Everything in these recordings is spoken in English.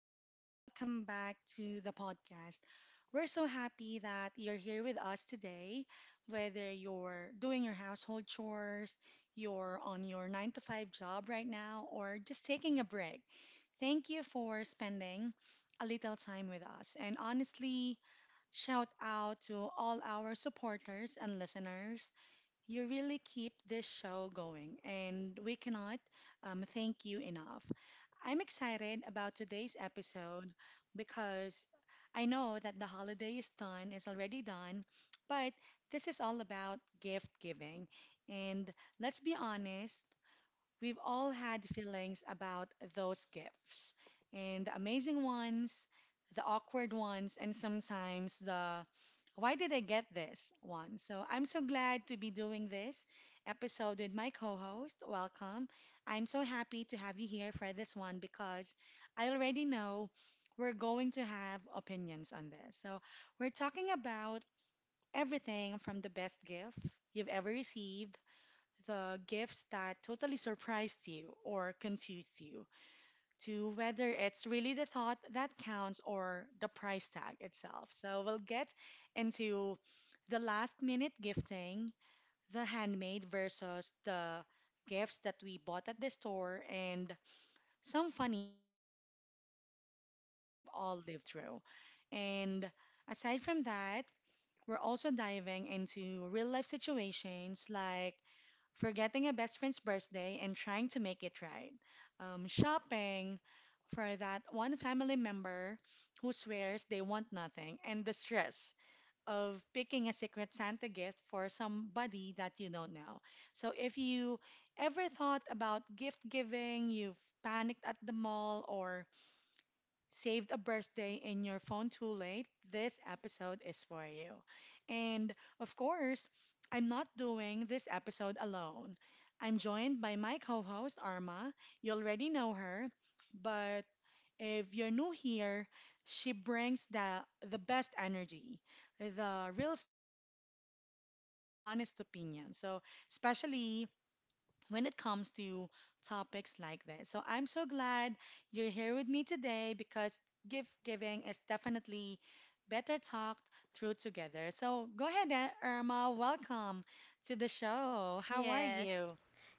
everyone. Welcome back to the podcast. We're so happy that you're here with us today, whether you're doing your household chores, you're on your nine to five job right now, or just taking a break. Thank you for spending a little time with us. And honestly, shout out to all our supporters and listeners. You really keep this show going, and we cannot thank you enough. I'm excited about today's episode because I know that the holiday is already done, but this is all about gift giving. And let's be honest, we've all had feelings about those gifts, and the amazing ones, the awkward ones, and sometimes the why did I get this one? So I'm so glad to be doing this episode with my co host. Welcome. I'm so happy to have you here for this one because I already know we're going to have opinions on this. So we're talking about everything from the best gift you've ever received, the gifts that totally surprised you or confused you, to whether it's really the thought that counts or the price tag itself. So we'll get into the last minute gifting, the handmade versus the gifts that we bought at the store, and some funny or uncomfortable gift giving moments we've all lived through. And aside from that, we're also diving into real life situations like forgetting a best friend's birthday and trying to make it right, shopping for that one family member who swears they want nothing, and the stress of picking a secret Santa gift for somebody that you don't know. So, if you ever thought about gift giving, you've panicked at the mall, or saved a birthday in your phone too late, this episode is for you. And of course, I'm not doing this episode alone. I'm joined by my co host, Arma. You already know her, but if you're new here, she brings the best energy, the real stories and experiences, and the honest opinion. So, especially when it comes to topics like this. So I'm so glad you're here with me today because gift giving is definitely better talked through together. So go ahead, Irma. Welcome to the show. How are Yes. you?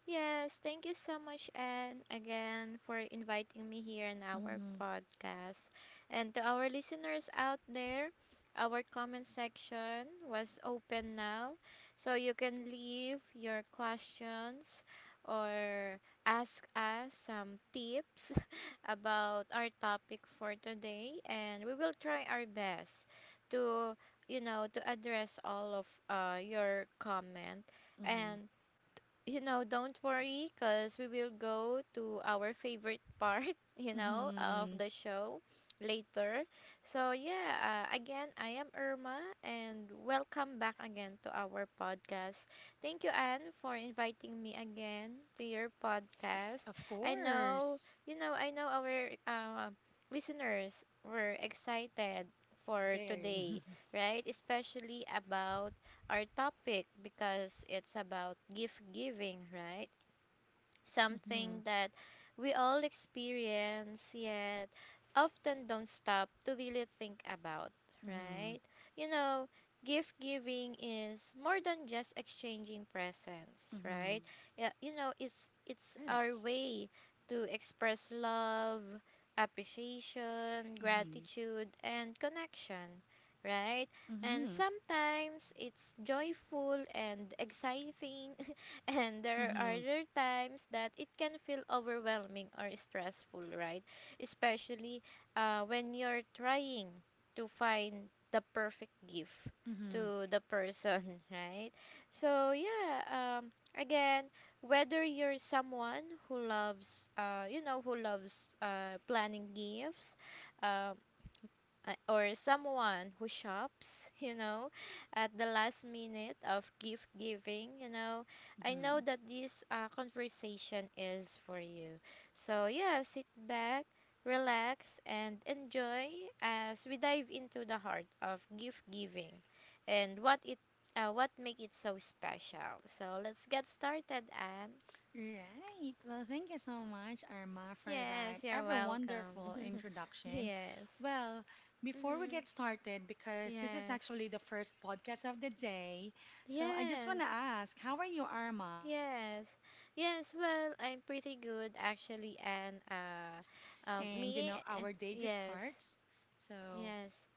Yes, thank you so much and again for inviting me here in our Mm-hmm, podcast. And to our listeners out there, our comment section was open now. So you can leave your questions or ask us some tips about our topic for today and we will try our best to address all of your comment mm-hmm, and don't worry because we will go to our favorite part, of mm-hmm. the show later. So, yeah, again, I am Irma and welcome back again to our podcast. Thank you, Anne, for inviting me again to your podcast. Of I know, course. I know our listeners were excited for Very. today, right? Especially about our topic because it's about gift giving, right? Mm-hmm, Something that we all experience yet often don't stop to really think about, mm-hmm, right? You know, gift giving is more than just exchanging presents, mm-hmm. right? Yeah, you know, it's our Correct. way to express love, appreciation, Mm-hmm, gratitude and connection, right? And mm-hmm, sometimes it's joyful and exciting and mm-hmm, there are mm-hmm, other times that it can feel overwhelming or stressful, right? Especially when you're trying to find the perfect gift to the person, right? So, yeah, again, whether you're someone who loves, who loves planning gifts, um, or someone who shops, you know, at the last minute of gift giving, you know, I know mm-hmm. that this conversation is for you. So, yeah, sit back, relax, and enjoy as we dive into the heart of gift giving and what make it so special. So, let's get started, Anne. Right. Well, thank you so much, Irma, for that Yes, you're ever wonderful welcome. introduction. Yes. Well, before we hmm get started, because this is Yes. actually the first podcast of the day, so I just want Yes. to ask, how are you, Irma? How are Yes. you doing so Yes, well, far? I'm I pretty know good that our actually shift and just uh starts um and, you me know, and our day just yes. starts. So, Yes.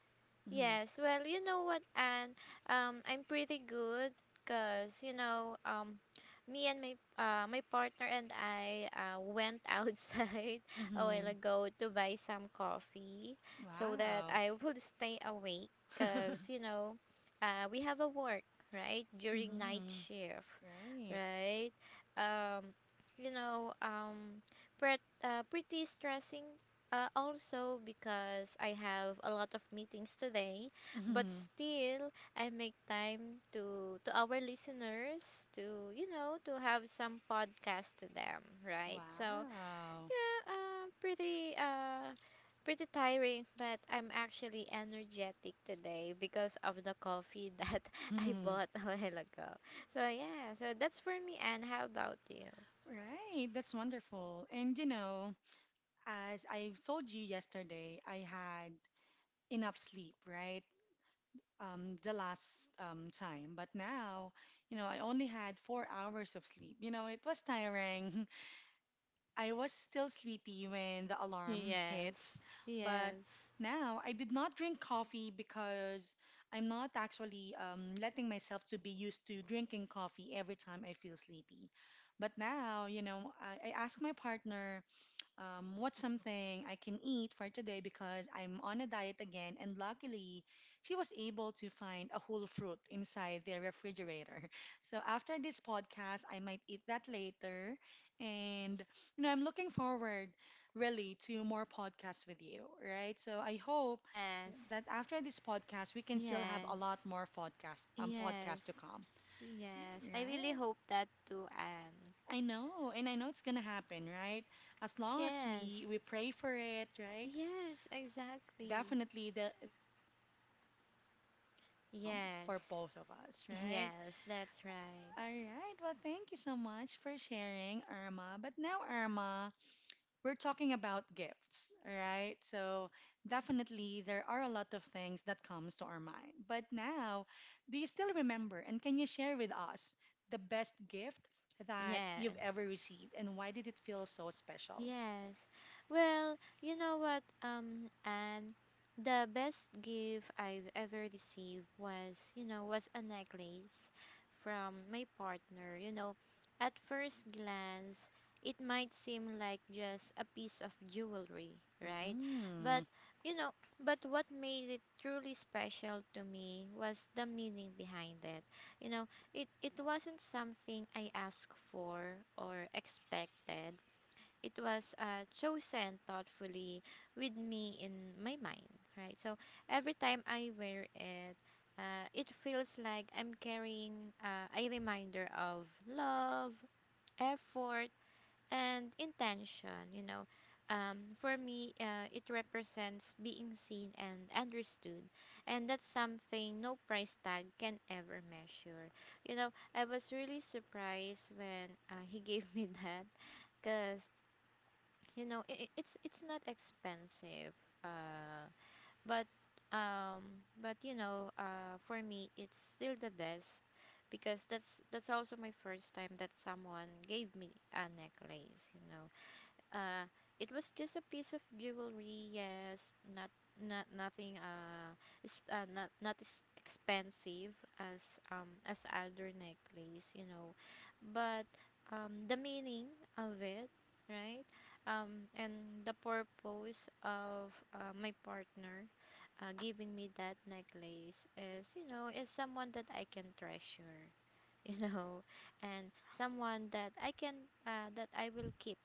mm-hmm, Yes, well, you know what, and I'm pretty good because me and my my partner and I went outside a while mm-hmm, ago to buy some coffee so that wow. I would stay awake because you know, we have a work right during night Mm-hmm. shift, Great. right? Um, you know, um, Pretty stressing also because I have a lot of meetings today, but Mm-hmm. still I make time to our listeners to have some podcast to them, right? So Wow. yeah, pretty tiring, but I'm actually energetic today because of the coffee that I bought a while ago. So yeah, so that's for me. And how about you? Right, that's wonderful. And you know, as I told you yesterday, I had enough sleep, right? The last time. But now, you know, I only had 4 hours of sleep. You know, it was tiring. I was still sleepy when the alarm Yes, hits. But yes, now I did not drink coffee because I'm not actually letting myself to be used to drinking coffee every time I feel sleepy. But now, you know, I asked my partner what's something I can eat for today because I'm on a diet again. And luckily, she was able to find a whole fruit inside the refrigerator. So after this podcast, I might eat that later. And, you know, I'm looking forward really to more podcasts with you, right? So I hope yes, that after this podcast, we can still have a lot yes. more podcast, Yes. podcasts to come, Yes. I really right? hope that too, Anne. I know, and I know it's gonna happen, right? As long as we Yes. we pray for it, right? Yes, exactly. Definitely, there will be more opportunities to come for Yes. both of us, right? Yes, that's right. All right. Well, thank you so much for sharing, Irma. But now, Irma, we're talking about gifts, right? So definitely there are a lot of things that comes to our mind. But now, do you still remember and can you share with us the best gift that you've Yes. ever received and why did it feel so special? Yes. Well, you know what, and the best gift I've ever received was, you know, was a necklace from my partner. You know, at first glance, it might seem like just a piece of jewelry, right? Mm, But, you know, but what made it truly special to me was the meaning behind it. You know, it wasn't something I asked for or expected. It was chosen thoughtfully with me in my mind, right? So every time I wear it, it feels like I'm carrying a reminder of love, effort, and intention. You know, for me, it represents being seen and understood, and that's something no price tag can ever measure. You know, I was really surprised when he gave me that because you know I it's not expensive uh but but you know for me it's still the best because that's also my first time that someone gave me a necklace, you know, uh, it was just a piece of jewelry. Yes, nothing. It's not Not as expensive as other necklace, you know, but the meaning of it, right? And the purpose of my partner giving me that necklace is, you know, is someone that I can treasure, you know, and someone that I can that I will keep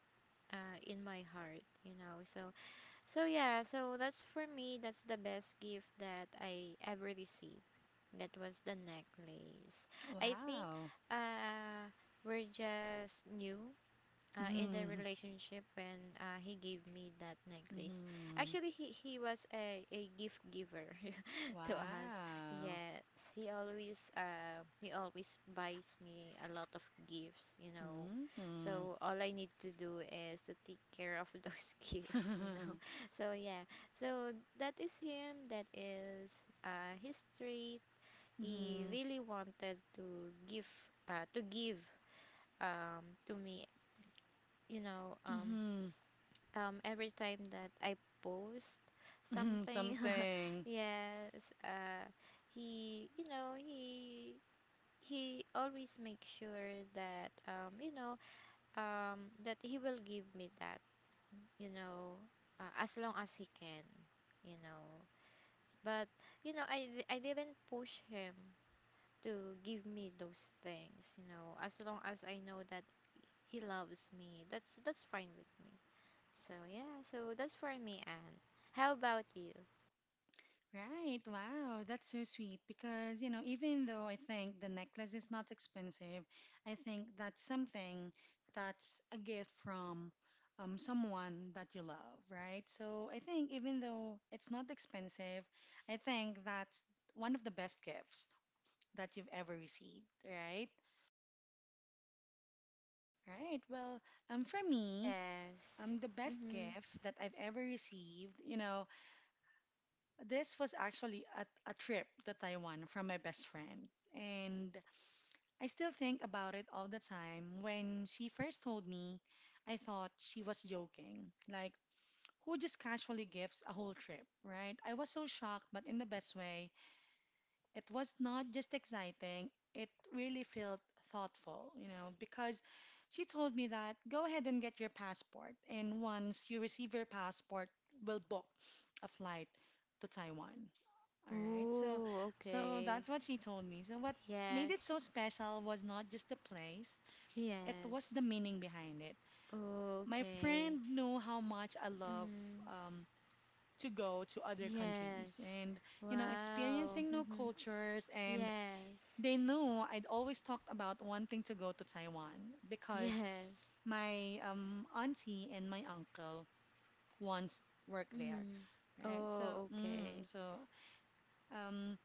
in my heart, you know. So so yeah, so that's for me, that's the best gift that I ever received. That was the necklace. I think wow. uh we're just new in the Mm, relationship when he gave me that necklace. mm, Actually, he was a gift giver to us. wow. Yes, he always buys me a lot of gifts, you know. Mm, So all I need to do is to take care of those gifts, you know. So yeah, so that is him. That is his trait. He mm, really wanted to give uh, to give to me, you know. Mm, Every time that I post mm, something, something. yes. uh he you know he he always makes sure that Hmm. that he will give me that, you know, And as long as he can, you know. But you know, I didn't push him to give me those things, you know, as long as I know that he loves me, that's fine with me. So yeah, so that's for me, Anne. How about you? Right. Wow. That's so sweet because, you know, even though I think the necklace is not expensive, I think that's something that's a gift from someone that you love, right? So I think even though it's not expensive, I think that's one of the best gifts that you've ever received, right? Right. Well, for me, Yes. The best Mhm. gift that I've ever received, you know, this was actually a trip to Taiwan from my best friend. And I still think about it all the time. When she first told me, I thought she was joking. Like, who just casually gives a whole trip, right? I was so shocked, but in the best way. It was not just exciting, it really felt thoughtful, you know, because she told me that go ahead and get your passport. And once you receive your passport, we'll book a flight to Taiwan. All right. So Oh, so that's okay. what she told me. So what made Yes. it so special was not just the place, it was the Yes. meaning behind it. My Okay. friend knew how much I love Mhm. um, to go to other countries Yes. and you know experiencing Wow. new Mhm. cultures and Yes. they knew I'd always talked about wanting to go to Taiwan because Yes. my auntie and my uncle once worked there. Mhm. Right. So, Oh, mm, okay. so um,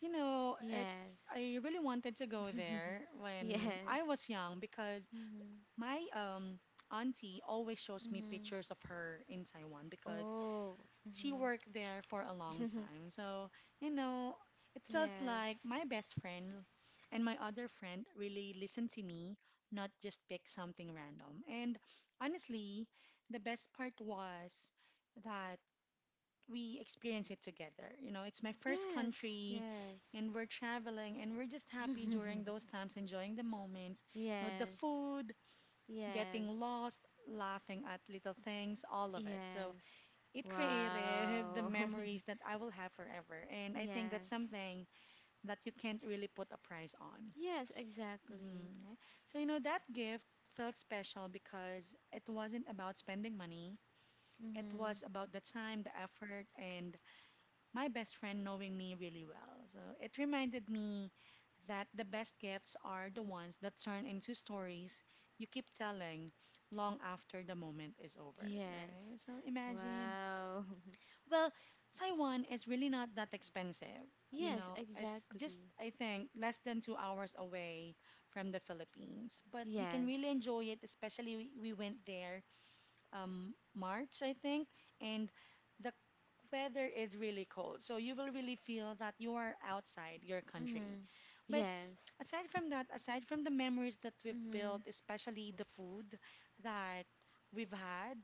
you know, it's Yes. I really wanted to go there when Yes. I was young because Mhm. my auntie always shows me Mhm. pictures of her in Taiwan because Oh. she Mhm. worked there for a long time. So, you know, it felt Yes. like my best friend and my other friend really listened to me, not just pick something random. And honestly, the best part was that we experience it together. You know, it's my first Yes, country yes. and we're traveling and we're just happy during those times, enjoying the moments, you know, the Yes. food, getting Yes. lost, laughing at little things, all of it. So Yes. it created the Wow. memories that I will have forever. And I think that's Yes. something that you can't really put a price on. Yes, exactly. Hmm. So, you know, that gift felt special because it wasn't about spending money. It was Mhm. about the time, the effort, and my best friend knowing me really well. So it reminded me that the best gifts are the ones that turn into stories you keep telling long after the moment is over, right? Yes. So imagine. Wow. Well, Taiwan is really not that expensive. You Yes, know, it's just, exactly. I think, less than 2 hours away from the Philippines. But you can really Yes. enjoy it, especially we went there March, I think, and the weather is really cold. So you will really feel that you are outside your country. Mhm. But Yes. aside from that, aside from the memories that we've built, Mhm. especially the food that we've had,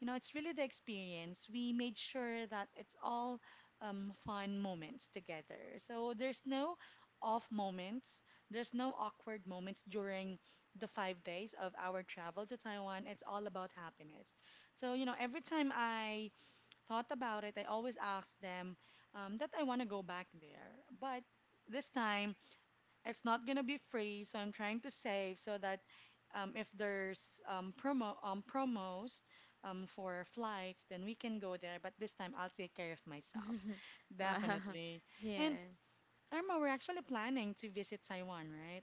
you know, it's really the experience. We made sure that it's all fun moments together. So there's no off moments, there's no awkward moments during the 5 days of our travel to Taiwan. It's all about happiness. So, you know, every time I thought about it, I always ask them that I want to go back there. But this time, it's not going to be free, so I'm trying to save so that if there's promos for flights, then we can go there. But this time, I'll take care of myself, Wow. definitely. And Yes. Irma, we're actually planning to visit Taiwan, right?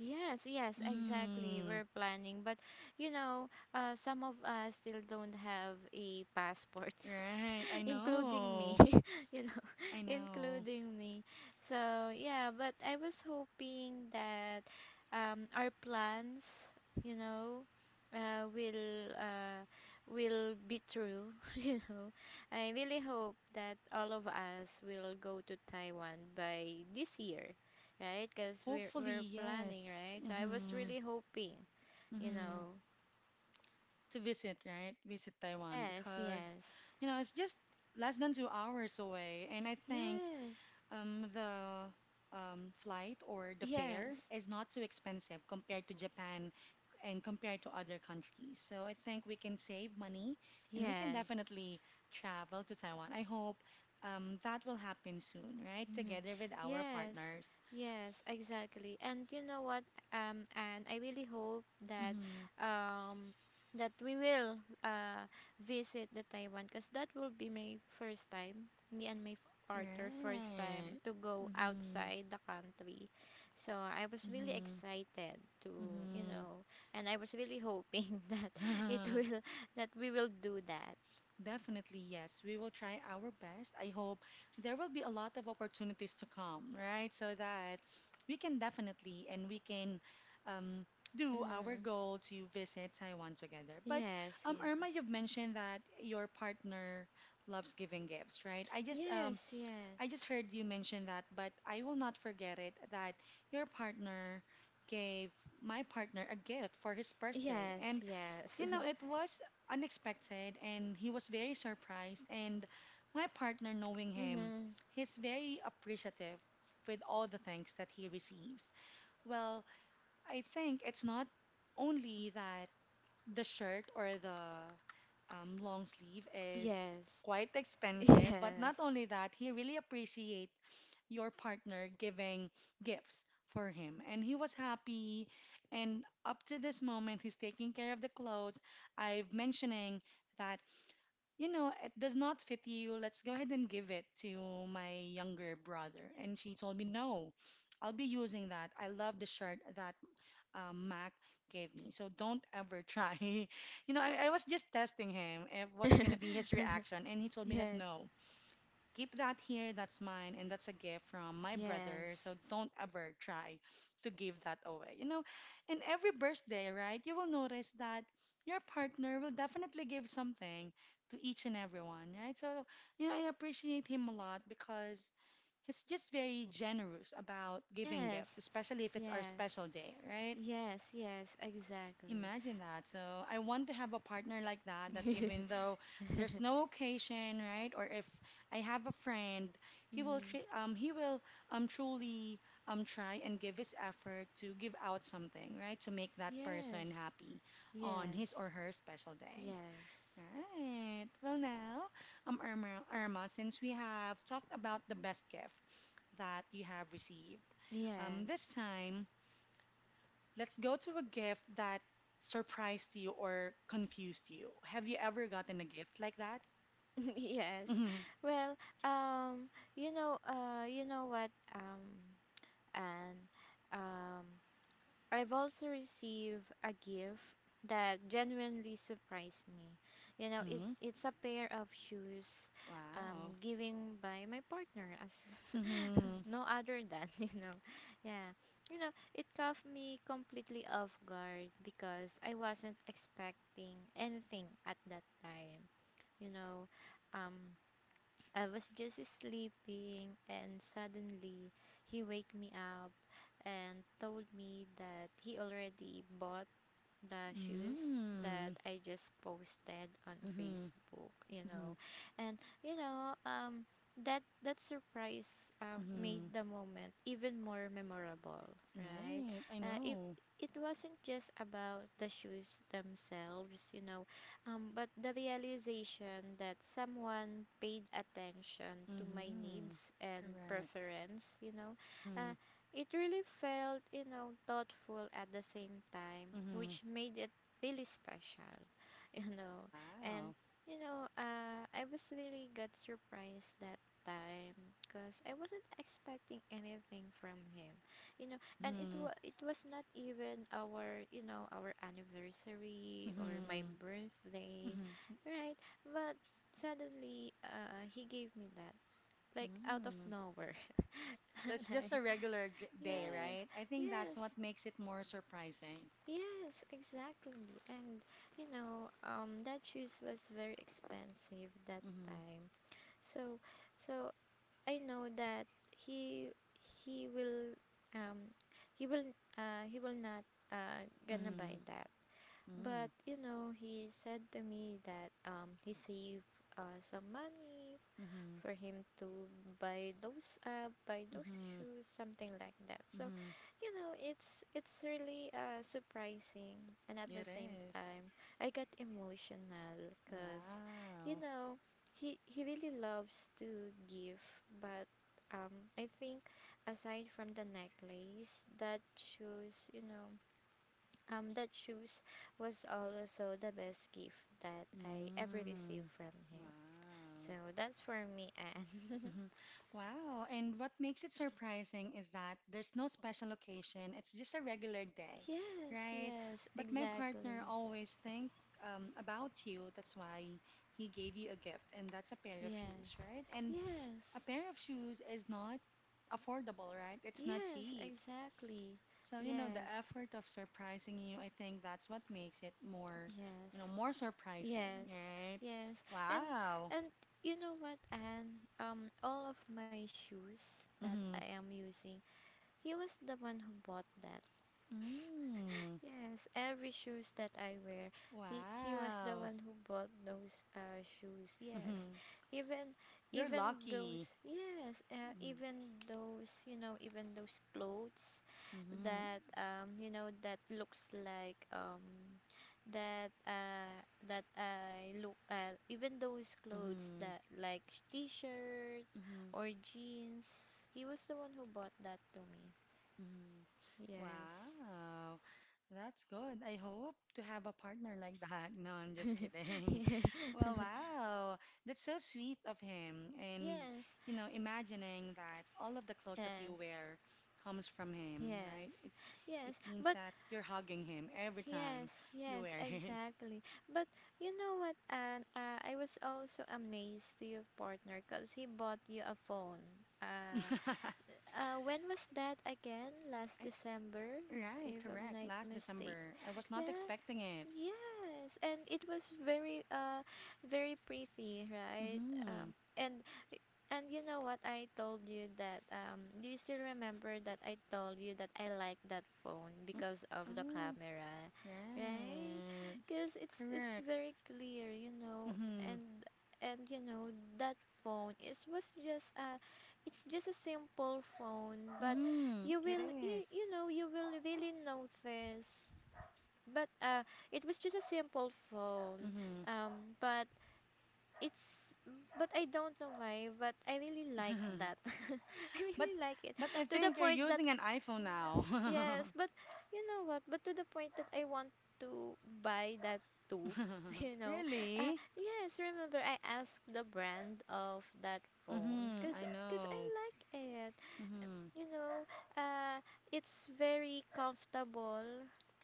Yes, yes, exactly. Mm, We're planning, but you know, some of us still don't have a passport. right. I Including me, know. you know, I know. including me. So yeah, but I was hoping that our plans, you know, uh will uh will be true, you know. I really hope that all of us will go to Taiwan by this year, right? Because we're Hopefully, we're planning, yes. right? So I was Mm-hmm. really hoping, you Mm-hmm. know. To visit, right? Visit Taiwan Yes, because, yes, you know, it's just less than 2 hours away. And I think yes, the flight or the fare yes, is not too expensive compared to Japan and compared to other countries. So I think we can save money and we can yes. definitely travel to Taiwan. I hope that will happen soon, right? Mhm. Together with our Yes, partners. yes, exactly. And you know what, and I really hope that, Mm-hmm. um, that we will uh, visit the Taiwan because that will be my first time, me and my partner first time Right. to go Mm-hmm. outside the country. So I was really Mm-hmm. excited to, you Mm-hmm. know, and I was really hoping that it will, that we will do that. Definitely, yes. We will try our best. I hope there will be a lot of opportunities to come, right? So that we can definitely and we can um, do our Mm-hmm. goal to visit Taiwan together. But Yes, yes. Irma, you've mentioned that your partner loves giving gifts, right? Yes, I just yes. heard you mention that, but I will not forget it that your partner gave my partner a gift for his birthday, Yes, and yes. you know, it was unexpected and he was very surprised. And my partner, knowing him, Mhm. he's very appreciative with all the thanks that he receives. Well, I think it's not only that the shirt or the long sleeve is Yes. quite expensive, Yes. but not only that, he really appreciate your partner giving gifts for him. And he was happy. And up to this moment, he's taking care of the clothes. I'm mentioning that, it does not fit you. Let's go ahead and give it to my younger brother. And she told me, no, I'll be using that. I love the shirt that Mac gave me. So don't ever try. I was just testing him if what's going to be his reaction. And he told me that Yes. no. Keep that here, that's mine, and that's a gift from my brother, so Yes. don't ever try to give that away. You know, in every birthday, right, you will notice that your partner will definitely give something to each and everyone, right? So, you know, I appreciate him a lot because he's just very generous about giving gifts, Yes. especially if it's our Yes. special day, right? Yes, yes, exactly. Imagine that. So I want to have a partner like that, that even though there's no occasion, right? Or if I have a friend, he will Mhm. tr- um he will um truly try and give his effort to give out something, right? To make that person Yes. happy on his Yes. or her special day. Yes. Right. Well now, Irma, since we have talked about the best gift that you have received, this Yes. time let's go to a gift that surprised you or confused you. Have you ever gotten a gift like that? Yes. Mm-hmm. Well, um, you know what, and um, I've also received a gift that genuinely surprised me. You know, Mm-hmm. it's a pair of shoes Wow. Giving by my partner as Mm-hmm. no other than, you know. Yeah. You know, it caught me completely off guard because I wasn't expecting anything at that time. You know, um I was just sleeping and suddenly he waked me up and told me that he already bought the shoes that Mm-hmm. I just posted on Mm-hmm. Facebook, you Mm-hmm. know. And you know, that surprise made Mm-hmm. the moment even more memorable, right? Right. I Uh, it know. it wasn't just about the shoes themselves, you know, but the realization that someone paid attention to my Mm-hmm. needs and Correct. preference, you know, Mm-hmm. uh, it really felt, you know, thoughtful at the same time, Mm-hmm. which made it really special, you know. And Wow. you know, I was really got surprised that time because I wasn't expecting anything from him, you know. And it Mm-hmm. was it was not even our, you know, our anniversary or my Mm-hmm. birthday, Mm-hmm. right? But suddenly, he gave me that like out of Mm. nowhere. So it's Like just a regular day, yes, right? I think that's yes, what makes it more surprising. yes, exactly. And you know, that shoes was very expensive that Mm-hmm. time. So, so I know that he he will um he will he will not gonna buy Mm-hmm. that. But Mm. you know, he said to me that he saved some money Mm-hmm. for him to buy those Mm-hmm. shoes, something like that. So Mm-hmm. you know, it's really surprising, and at the It same time is. I got emotional because you Wow. know, he really loves to give, but um I think aside from the necklace, that shoes, you know, that shoes was also the best gift that I ever received Mm. from him. So Wow. that's for me, Anne. Mm-hmm. Wow. And what makes it surprising is that there's no special occasion. It's just a regular day, Yes, right? yes, But my partner exactly. always think about you. That's why he gave you a gift, and that's a pair of shoes, Yes, right? And yes, a pair of shoes is not affordable, right? It's not yes, cheap. exactly. So, you know, the Yes, effort of surprising you, I think that's what makes it more, yes, you know, more surprising, yes, right? yes. And Wow. and you know what, Anne? All of my shoes that Mm-hmm. I am using, he was the one who bought that. Mm. Yes, every shoes that I wear, he was the one Wow. who bought those shoes. Yes, Mm-hmm. even You're even those, lucky. yes, Mm-hmm. even those, you know, even those clothes Mm-hmm. that you know that looks like that that I look at, even those clothes that like t-shirt Mm-hmm. or jeans. He was the one who bought that to me. Mm-hmm. Yes. Wow, that's good. I hope to have a partner like that. No, I'm just kidding. Well, wow, that's so sweet of him. And, Yes, you know, imagining that all of the clothes yes, that you wear comes from him, right? yes, It yes. means But that you're hugging him every time yes, you yes, wear it. exactly. But you know what, Anne? I was also amazed to your partner because he bought you a phone. Uh, when was that again? Last I, December, right, if I'm correct. not Last mistaken. December, I was not Yeah, expecting it. yes, and it was very very pretty, right? Mm-hmm. Um and and you know what I told you that do you still remember that I told you that I like that phone Mm, because of the oh, camera, right? right. Cuz it's Correct. very clear, you know, Mm-hmm. and you know that phone is was just a it's just a simple phone but Mm-hmm. It you is. know you will really notice but it was just a simple phone Mm-hmm. But it's but I don't know why but I really like that, I But really like it but I to the think you're point that using an iPhone now. yes but you know what but to the point that I want to buy that too. You know, Really? yes, remember I asked the brand of that phone Mm-hmm. because I I know. like it, Mm-hmm. you know, uh, it's very comfortable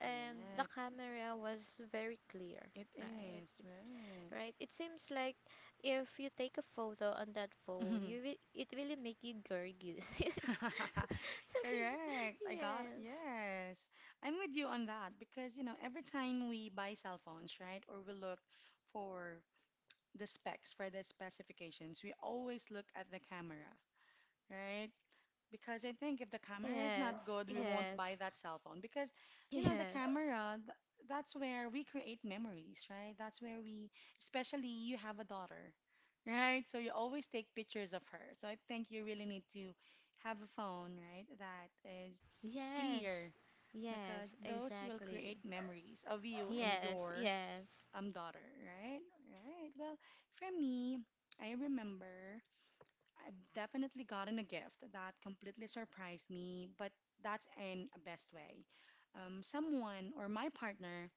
and the camera was very clear, It right? is, It's right? right. It seems like if you take a photo on that phone, Mhm. It really make you gorgeous. So Correct. I got, yes. yes. I'm with you on that because, you know, every time we buy cell phones, right, or we look for the specs, for the specifications, we always look at the camera, right? Because I think if the camera is not Yes. good, we won't Yes. buy that cell phone. Because, you know, the Yes. camera, th that's where we create memories, right? That's where we, especially you have a daughter, right? So you always take pictures of her. So I think you really need to have a phone, right, that is Yes. clear because Yes, those will create exactly. memories of you and Yes, your yes. Daughter, right? Right. Well, for me, I remember. I've definitely gotten a gift that completely surprised me, but that's in a best way. Someone or my partner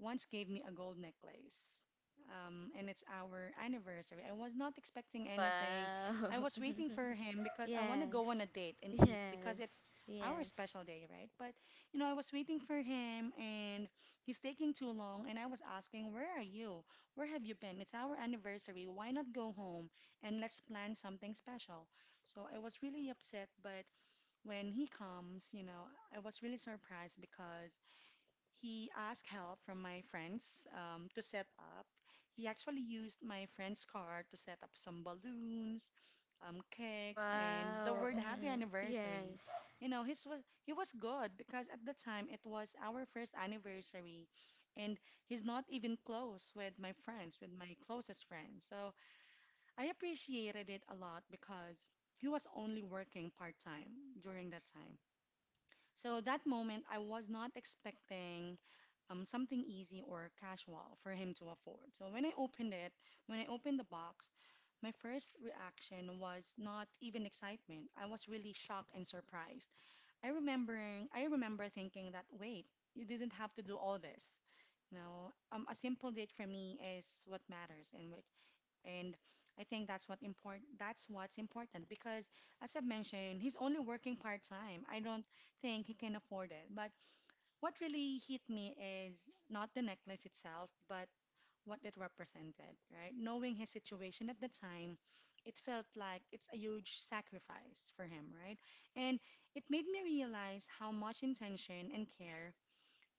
once gave me a gold necklace. And it's our anniversary. I was not expecting anything. I Wow. was waiting for him because I want to Yes. go on a date and eat Yes. because it's our Yes. special day, right? But, you know, I was waiting for him and he's taking too long. And I was asking, where are you? Where have you been? It's our anniversary. Why not go home and let's plan something special? So I was really upset. But when he comes, you know, I was really surprised because he asked help from my friends to set up. He actually used my friend's car to set up some balloons, cakes, and the Wow. word "Happy Anniversary." Yes. You know, his was he was good because at the time it was our first anniversary, and he's not even close with my friends, with my closest friends. So I appreciated it a lot because he was only working part time during that time. So that moment, I was not expecting something easy or casual for him to afford. So when I opened it, when I opened the box, my first reaction was not even excitement. I was really shocked and surprised. I remember thinking that, wait, you didn't have to do all this. You know, a simple date for me is what matters and what and I think that's what important that's what's important because as I've mentioned, he's only working part-time. I don't think he can afford it. But what really hit me is not the necklace itself, but what it represented, right? Knowing his situation at the time, it felt like it's a huge sacrifice for him, right? And it made me realize how much intention and care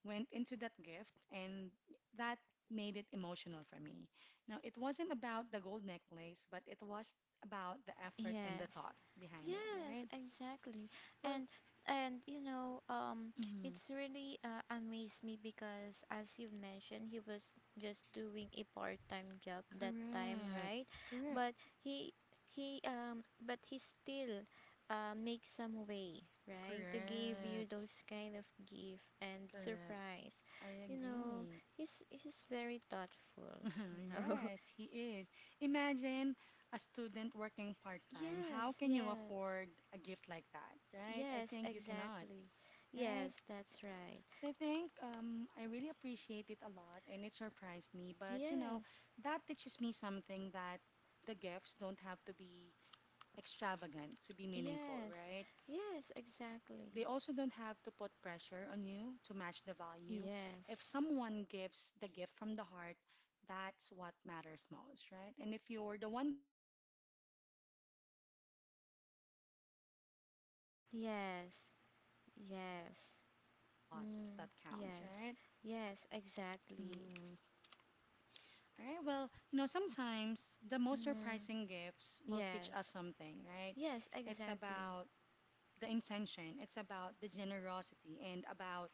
went into that gift, and that made it emotional for me. Now, it wasn't about the gold necklace, but it was about the effort and the Yes. thought behind it, right? Yes, exactly. Well, And and you know, mhm, it's really amazed me because as you mentioned, he was just doing a part-time job that time, correct, right? correct, But he still makes some way, right? To give you correct, those kind of gift and correct. surprise. I You know, agree. he's very thoughtful, you know. Yes, he is. Imagine a student working part-time. How Yes, can you yes. afford a gift like that, right? I Yes, think you cannot, exactly. right? Yes, that's right. So I think I really appreciate it a lot and it surprised me. But you know, Yes. that teaches me something that the gifts don't have to be extravagant to be meaningful, Yes. right? Yes, exactly. They also don't have to put pressure on you to match the value. If Yes. someone gives the gift from the heart, that's what matters most, right? And if you're the one giving, don't feel like you need to overspend to prove anything, right? Because as always, as Yes. we always say, it's Yes. always the thought that Mm, counts, yes. right? Yes, exactly. Mm. All right. Well, you know, sometimes the most Mm, surprising gifts will teach us yes. something, right? Yes, It's exactly. about the intention, it's about the generosity, and about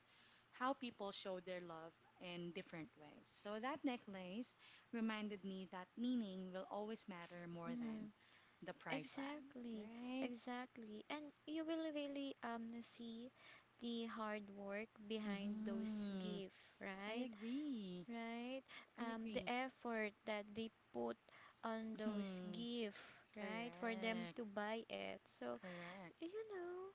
how people show their love in different ways. So that necklace reminded me that meaning will always matter more than Mm, the price tag, exactly. right? Exactly. And you will really see the hard work behind those Mm-hmm. gifts, I right? agree. Right? I The agree. effort that they put on those Hmm. gifts, right? For them Correct. to buy it. So Correct. you know,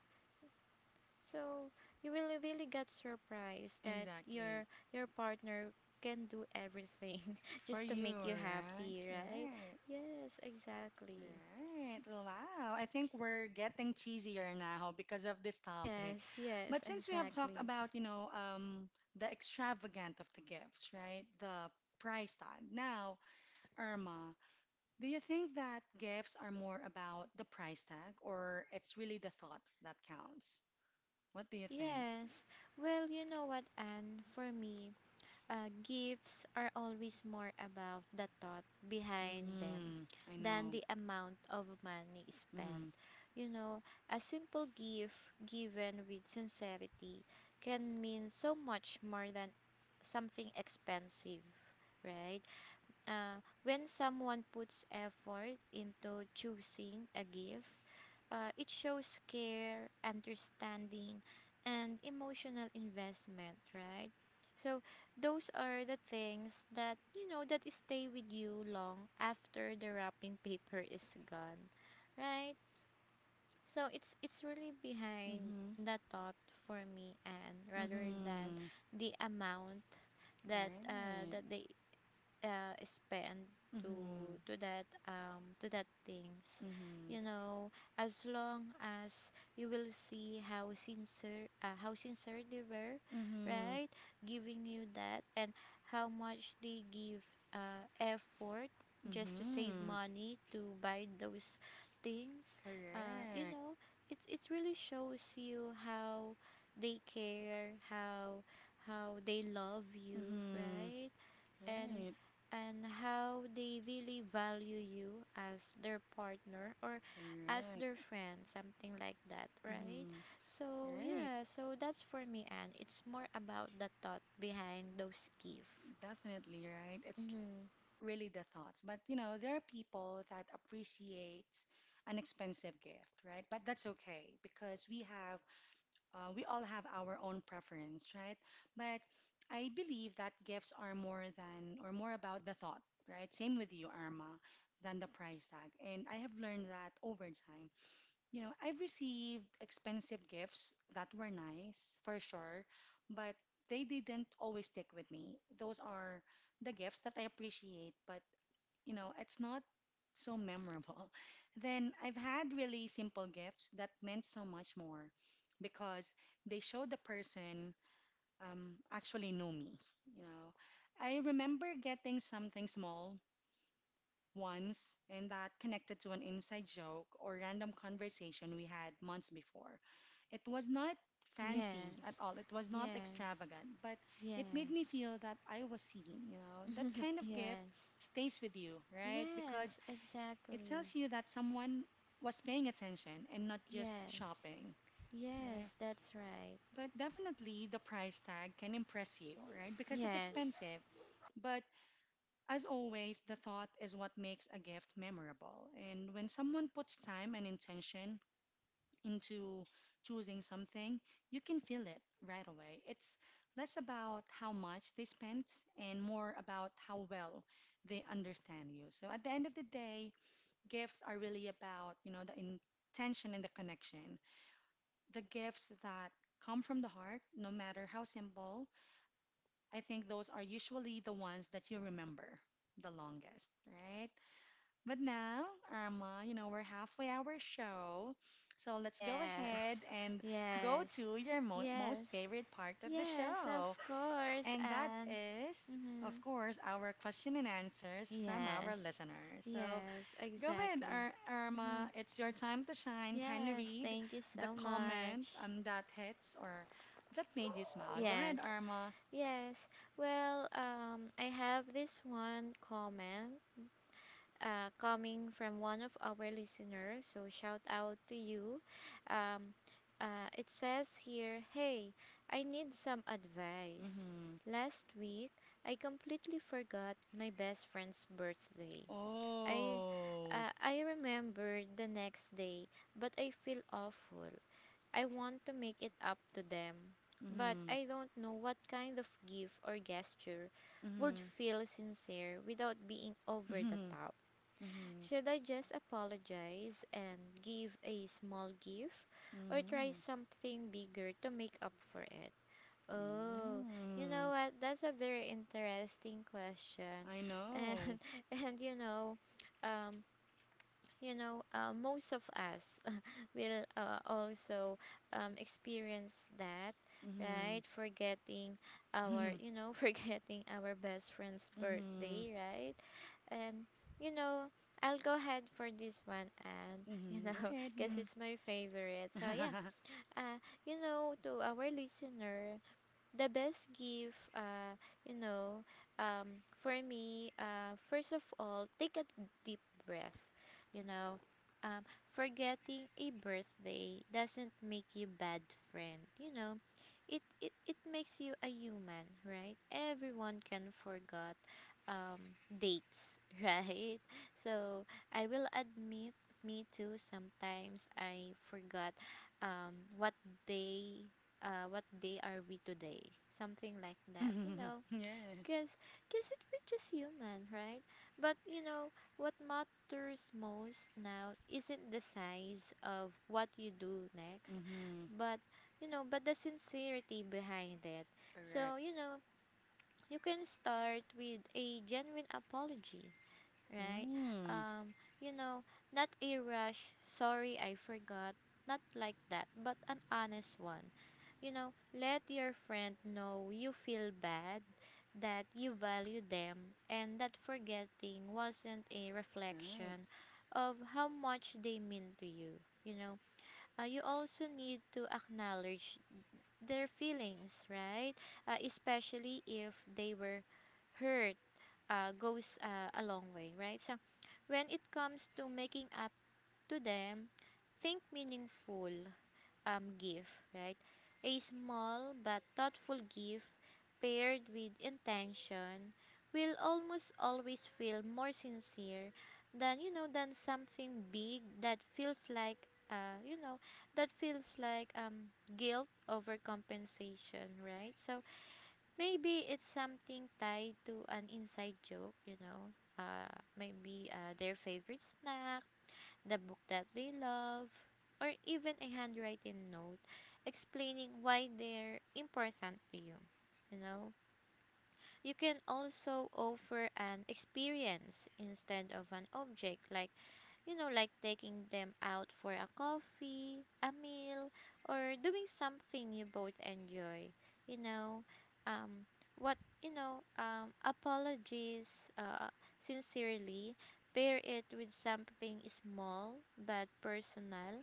so you will really get surprised that Exactly. Your partner can do everything For just to you, make you right? happy, right? Right. Yes, exactly. Right. Wow. I think we're getting cheesier now because of this topic. Yes, yes, But since we have talked exactly. about, you know, the extravagant of the gifts, right? The price tag. Now, Irma, do you think that gifts are more about the price tag or it's really the thought that counts? What do you think? Yes. Well, you know what, Anne, for me, gifts are always more about the thought behind them Mm, I than know. the amount of money spent. Mm-hmm. You know, a simple gift given with sincerity can mean so much more than something expensive, right? When someone puts effort into choosing a gift, it shows care, understanding, and emotional investment, right? So those are the things that you know that stay with you long after the wrapping paper is gone, right? So it's really behind Mm-hmm. the thought for me, and rather than Mm-hmm. the amount Right. that they spend Mm-hmm. To that things, Mm-hmm. you know, as long as you will see how sincere they were, Mhm. right, giving you that, and how much they give effort just to save Mhm. money to buy those things, you Correct. know, it really shows you how they care, how they love you, Mhm. right, and Right. and how they really value you as their partner or as Correct. their friend, something like that, right? Mhm. So Right. yeah, so that's for me, and it's more about the thought behind those gifts. Definitely, right? It's Mm-hmm. really the thoughts. But you know, there are people that appreciate an expensive gift, right? But that's okay because we have we all have our own preference, right? But I believe that gifts are more than or more about the thought, right? Same with you, Arma, than the price tag. And I have learned that over time. You know, I've received expensive gifts that were nice, for sure, but they didn't always stick with me. Those are the gifts that I appreciate, but you know, it's not so memorable. Then I've had really simple gifts that meant so much more because they showed the person actually knew me, you know. I remember getting something small once, and that connected to an inside joke or random conversation we had months before. It was not fancy Yes, at all, it was not yes, extravagant, but it made yes. me feel that I was seen, you know. That kind of gift Yes, stays with you, right? Because yes, it exactly. tells you that someone was paying attention and not just Yes, shopping, right? yes, that's right. But definitely the price tag can impress you, right? Because it's Yes. expensive. But as always, the thought is what makes a gift memorable. And when someone puts time and intention into choosing something, you can feel it right away. It's less about how much they spent and more about how well they understand you. So at the end of the day, gifts are really about, you know, the intention and the connection. The gifts that come from the heart, no matter how simple, I think those are usually the ones that you remember the longest, right? But now, Irma, you know, we're halfway our show. So let's go ahead Yes. and go Yes. to your mo Yes. most favorite part of the Yes, of show. course. And that And is, of mm-hmm. course, our question and answers from our Yes, listeners. So yes, go ahead, exactly. Ir Mm-hmm. Irma. It's your time to shine. Kindly Yes, read thank you the so comment much. That hits or that made you smile. Go ahead, Yes, Irma. yes. Well, I have this one comment coming from one of our listeners. So shout out to you. Um, it says here, hey, I need some advice. Mm-hmm. Last week, I completely forgot my best friend's birthday. I Oh. I remember the next day, but I Mm-hmm. feel awful. I want to make it up to them, but Mm-hmm. I don't know what kind of gift or gesture would Mm-hmm. feel sincere without being over the Mm-hmm. top. Mm-hmm. Should I just apologize and give a small gift or try Mhm. something bigger to make up for it? Oh, you know Mm. what? That's a very interesting question. I And know. and um you know, most of us will also experience that, Mhm. right? Forgetting our, Mhm. you know, forgetting our best friend's Mhm. birthday, right? And, you know, I'll go ahead for this one and, you Mhm. Go know, ahead. guess Mhm. it's my favorite. So, yeah, uh, you know, to our listener, the best gift you know, for me, first of all, take a deep breath, you know. um Forgetting a birthday doesn't make you bad friend, you know. It makes you a human, right? Everyone can forget um dates, right? So I will admit, me too, sometimes I forgot um what day what day are we today? Something like that, you know. Yes. Because we're just human, right? But, you know, what matters most now isn't the size of what you do next, Mhm. but, you know, but the sincerity behind it. So, Correct. you know, you can start with a genuine apology, right? Mm. Um, you know, not a rush, sorry I forgot, not like that, but an honest one. You know, let your friend know you feel bad, that you value them, and that forgetting wasn't a Right. reflection of how much they mean to you. You know, you also need to acknowledge their feelings, right? Especially if they were hurt goes a long way, right? So, when it comes to making up to them, think meaningful gift, right? A small but thoughtful gift paired with intention will almost always feel more sincere than you know than something big that feels like you know, that feels like guilt over compensation, right? So maybe it's something tied to an inside joke, you know. Uh, Maybe their favorite snack, the book that they love, or even a handwritten note explaining why they're important to you. You know, you can also offer an experience instead of an object, like you know, like taking them out for a coffee, a meal, or doing something you both enjoy. You know, um, what you know, apologies sincerely. Pair it with something small but personal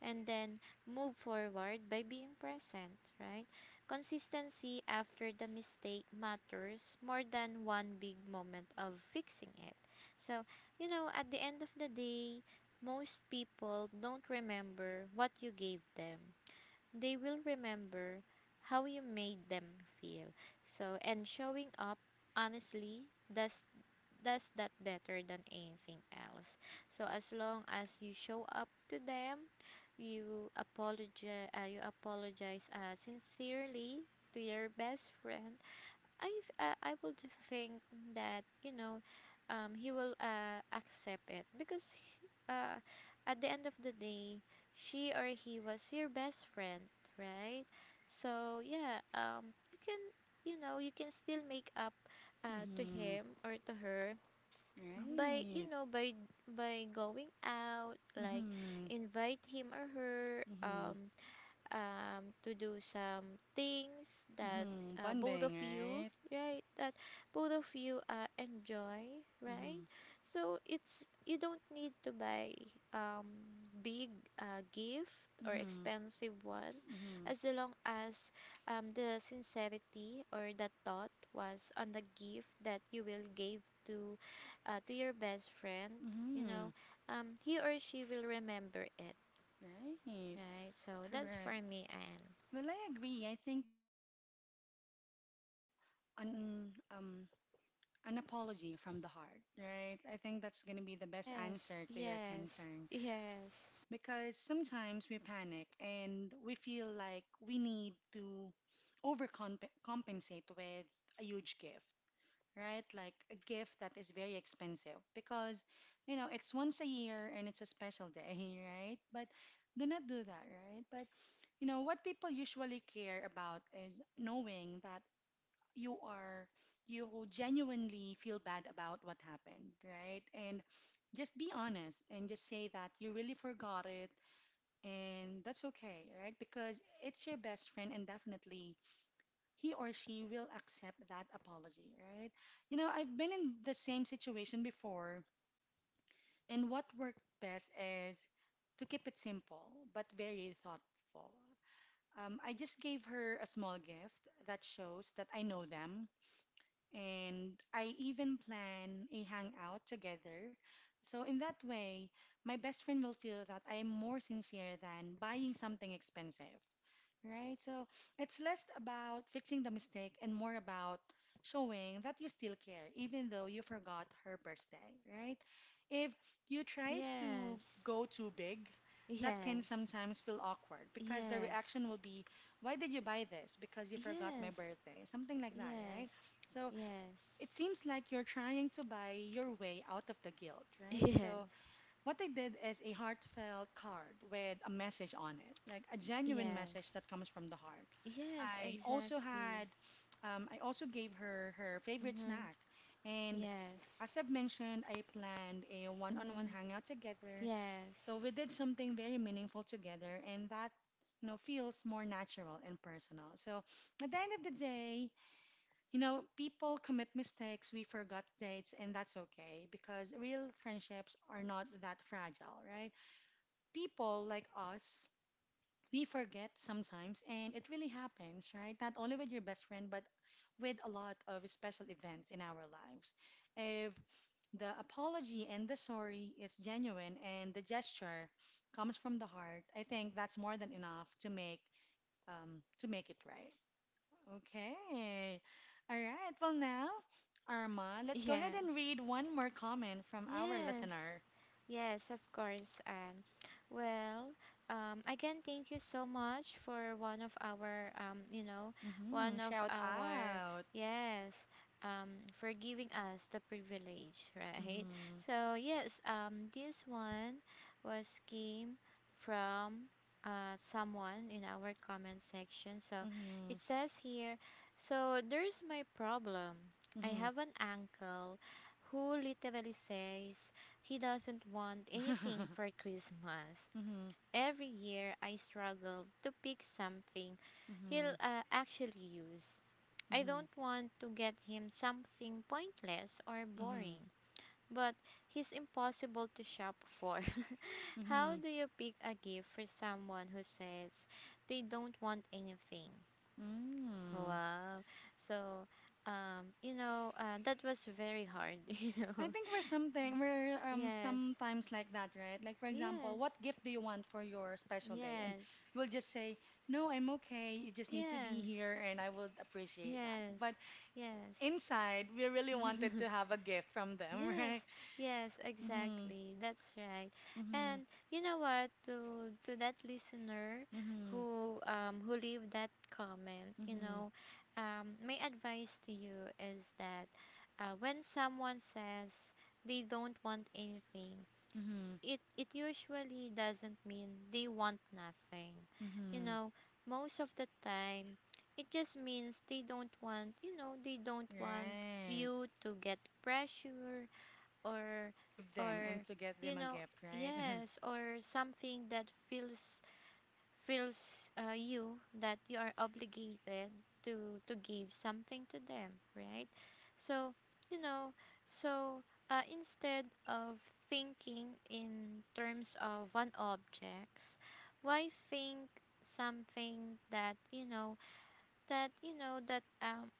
and then move forward by being present, right? Consistency after the mistake matters more than one big moment of fixing it. So, you know, at the end of the day, most people don't remember what you gave them. They will remember how you made them feel. So, and showing up honestly does does that better than anything else. So as long as you show up to them, you apologize sincerely to your best friend. I would think that, you know, he will accept it because uh, at the end of the day, she or he was your best friend, right? So yeah, you can you know you can still make up to Mhm. him or to her by you Right. know by going out, like Mhm. invite him or her Mhm. To do some things that Mhm. Both of Bonding, you, right? right? That both of you enjoy, right? Mhm. So it's you don't need to buy um, big gift or Mhm. expensive one, Mhm. as long as the sincerity or the thought was on the gift that you will give to to your best friend. You know, Mhm. He or she will remember it, Right. right? So that's for Correct. me, Anne. Well, I agree. I think the best answer would be on An apology from the heart, right? I think that's going to be the best Yes, answer to your yes, concern yes, because sometimes we panic and we feel like we need to overcompensate with a huge gift, right? Like a gift that is very expensive because, it's once a year and it's a special day, right? But do not do that, right? But, what people usually care about is knowing that you are you genuinely feel bad about what happened, right? And just be honest and just say that you really forgot it and that's okay, right? Because it's your best friend and definitely he or she will accept that apology, right? I've been in the same situation before and what worked best is to keep it simple but very thoughtful. I just gave her a small gift that shows that I know them and I even plan a hangout together. So, in that way, my best friend will feel that I am more sincere than buying something expensive, right? So, it's less about fixing the mistake and more about showing that you still care, even though you forgot her birthday, right? If you try to yes, go too big, that can yes, sometimes feel awkward because the yes, reaction will be, "Why did you buy this? Because you forgot my yes, birthday," something like that, right? yes, So yes, it seems like you're trying to buy your way out of the guilt, right? So, what I did is a heartfelt card with a message on it, like a yes, genuine message yes, that comes from the heart. yes, I also exactly. had, I also gave her her favorite Mm-hmm. snack. And Yes. as I've mentioned, I planned a one on one Mm-hmm. hangout together. Yes. So, we did something very meaningful together, and that feels more natural and personal. So at the end of the day, people commit mistakes, we forgot dates, and that's okay because real friendships are not that fragile, right? People like us, we forget sometimes, and it really happens, right? Not only with your best friend, but with a lot of special events in our lives. If the apology and the sorry is genuine and the gesture comes from the heart, I think that's more than enough to make to make it right. Okay. All right. Well, now, Arma, let's go ahead and Yes. read one more comment from our Yes. listener. Yes, of course, and well, again, thank you so much for you know, Mm-hmm. one of Shout our, out. yes, for giving us the privilege, right? Mm-hmm. So, yes, this one was came from someone in our comment section. So, Mm-hmm. it says here, so there's my problem. I Mm-hmm. have an uncle who literally says he doesn't want anything for Christmas. Mm-hmm. Every year, I struggle to pick something Mm-hmm. he'll actually use. I Mm-hmm. don't want to get him something pointless or Mm-hmm. boring, but he's impossible to shop for. How Mm-hmm. do you pick a gift for someone who says they don't want anything? Mm. Wow. So, you know, that was very hard, you I know. think we're Yes. sometimes like that, right? Like for example, Yes, what gift do you want for your special day? And yes, we'll just say, "No, I'm okay. You just need to be yes, here, and I would appreciate that." yes, But yes. inside, we really wanted to have a gift from them, Yes, right? yes, Mm-hmm. exactly. That's right. Mm-hmm. And you know what, to that listener Mm-hmm. Who leave that comment, you Mm-hmm. know, my advice to you is that when someone says they don't want anything, Mm-hmm. it usually doesn't mean they want nothing. You Mm-hmm. know, most of the time it just means they don't want, they don't want Right. you to get pressure Mm-hmm. or To give them and or to get you them a know, gift, right? yes, or something that feels feels you that you are obligated to give something to them, right? so you know so Instead of thinking in terms of one objects, why think something that you know that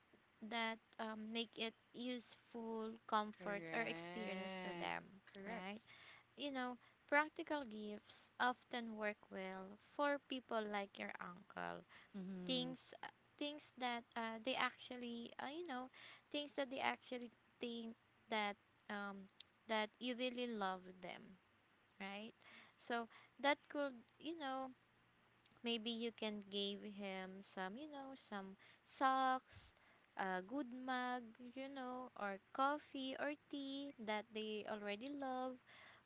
make it useful comfort or experience to Correct. them, right? Correct. you know, Practical gifts often work well for people like your uncle. Mm-hmm. Things uh, Things that they actually you know, things that they actually think that um that you really love them, right? So that could, you know, maybe you can give him some, some socks, a good mug, you know, or coffee or tea that they already love,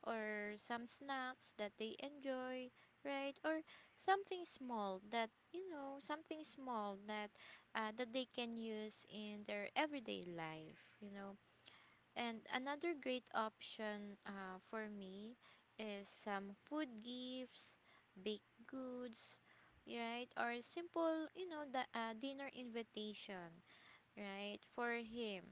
or some snacks that they enjoy, right? Or something small that something small that they can use in their everyday life, you know. And another great option, for me, is some food gifts, baked goods, right? Or simple, you know, the dinner invitation, right? For him,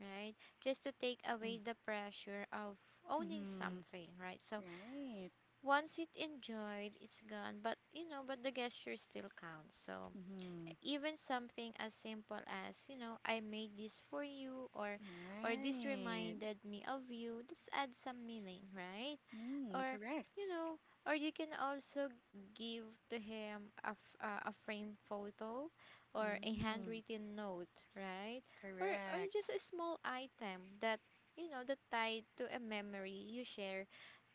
right? Just to take Mm-hmm. away the pressure of owning Mm-hmm. something, right? So Right. once it enjoyed, it's gone, but you know, but the gesture still counts. So Mm-hmm. even something as simple as, you know, I made this for you, or this Right. reminded me of you, just add some meaning, right? Mm, or you correct. know or you can also give to him a framed photo or a Mm, handwritten note, right? Or just correct. a small item that you know that tied to a memory you share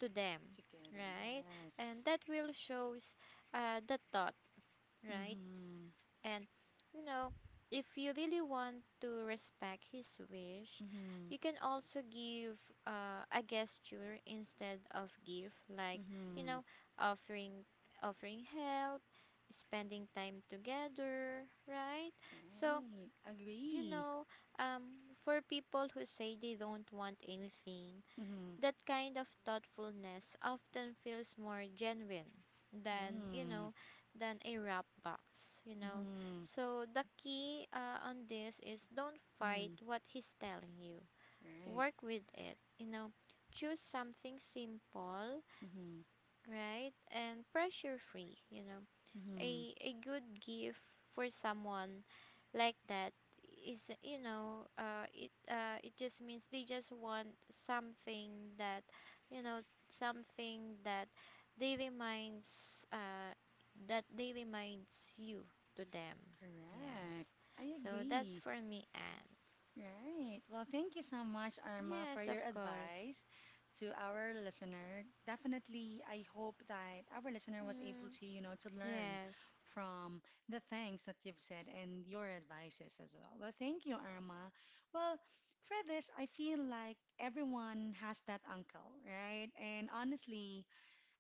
to them, Together, right? And yes. that will shows the thought, right? Mm-hmm. And, you know, if you really want to respect his wish, Mm-hmm. you can also give a gesture instead of gift, like, you Mm-hmm. know, offering offering help, spending time together, right? So, Right. you Agree. know, for people who say they don't want anything, Mm-hmm. that kind of thoughtfulness often feels more genuine than you Mm-hmm. know than a wrap box, you know. Mm-hmm. So the key on this is don't fight Mm-hmm. what he's telling you. Right. Work with it, you know. Choose something simple, Mm-hmm. right? And pressure free, you know. Mm-hmm. A good gift for someone like that is it just means they just want something that you know something they reminds uh, that they reminds you to them. Correct. Yes, I so that's agree. for me, Anne. Right. Well, thank you so much, Arma, for Yes, your of course. advice to our listener. Definitely, I hope that our listener was able Mm, to, you know, to learn yes, from the things that you've said and your advices as well. Well, thank you, Arma. Well, for this, I feel like everyone has that uncle, right? And honestly,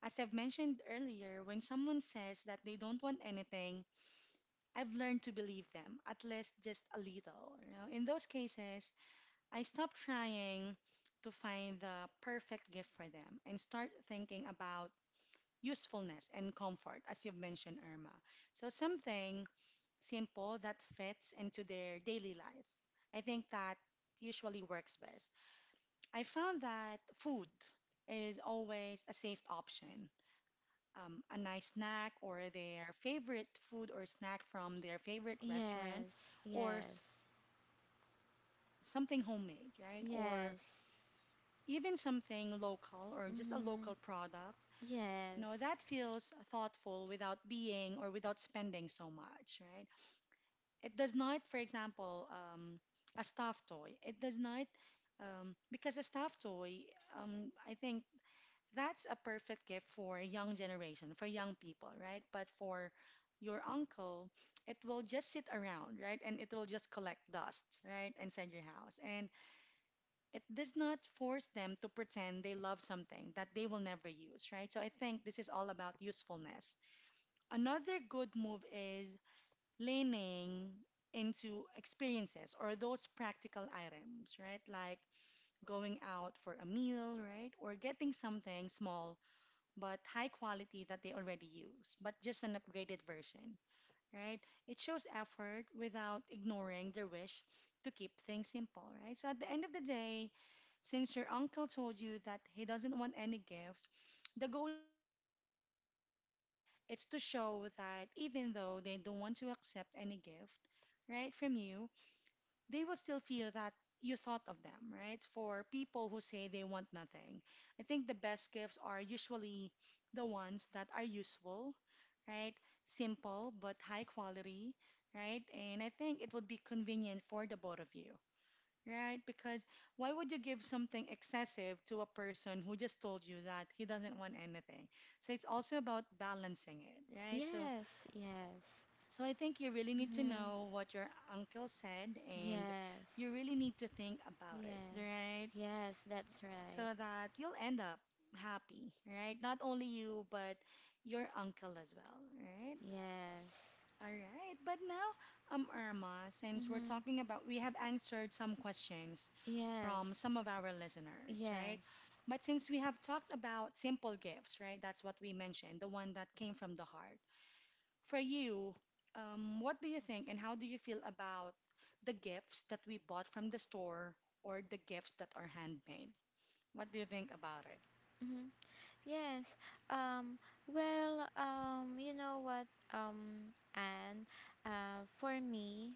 as I've mentioned earlier, when someone says that they don't want anything, I've learned to believe them, at least just a little. You know, in those cases, I stopped trying to find the perfect gift for them and start thinking about usefulness and comfort, as you've mentioned, Irma. So, something simple that fits into their daily life. I think that usually works best. I found that food is always a safe option. A nice snack or their favorite food or snack from their favorite restaurant yes, or yes, something that you made, something homemade, right? Or yes. even something local or just a Mm, local product, yes, that feels thoughtful without being or without spending so much, right? It does not, for example, a stuffed toy. It does not, because a stuffed toy, I think that's a perfect gift for young generation, for young people, right? But for your uncle, it will just sit around, right? And it will just collect dust, right? Inside your house. And it does not force them to pretend they love something that they will never use, right? So I think this is all about usefulness. Another good move is leaning into experiences or those practical items, right? Like going out for a meal, right? Or getting something small but high quality that they already use, but just an upgraded version, right? It shows effort without ignoring their wish to keep things simple, right? So at the end of the day, since your uncle told you that he doesn't want any gift, the goal here is not to impress them. It's to show that even though they don't want to accept any gift, right, from you, they will still feel that you thought of them, right? For people who say they want nothing, I think the best gifts are usually the ones that are useful, right? Simple but high quality, right? And I think it would be convenient for the both of you, right? Because why would you give something excessive to a person who just told you that he doesn't want anything? So it's also about balancing it, right? So yes, yes. so I think you really need to Mm, know what your uncle said and yes. you really need to think about it, Yes. right? Yes, that's right. So that you'll end up happy, right? Not only you, but your uncle as well, right? Yes. All right, but now, Irma, since we're Mhm. talking about, we have answered some questions from Yes. some of our listeners, right? Yes. But since we have talked about simple gifts, right? That's what we mentioned, the one that came from the heart. For you, what do you think and how do you feel about the gifts that we bought from the store or the gifts that are handmade? What do you think about it? Mhm. Yes. Um well, you know what and for me,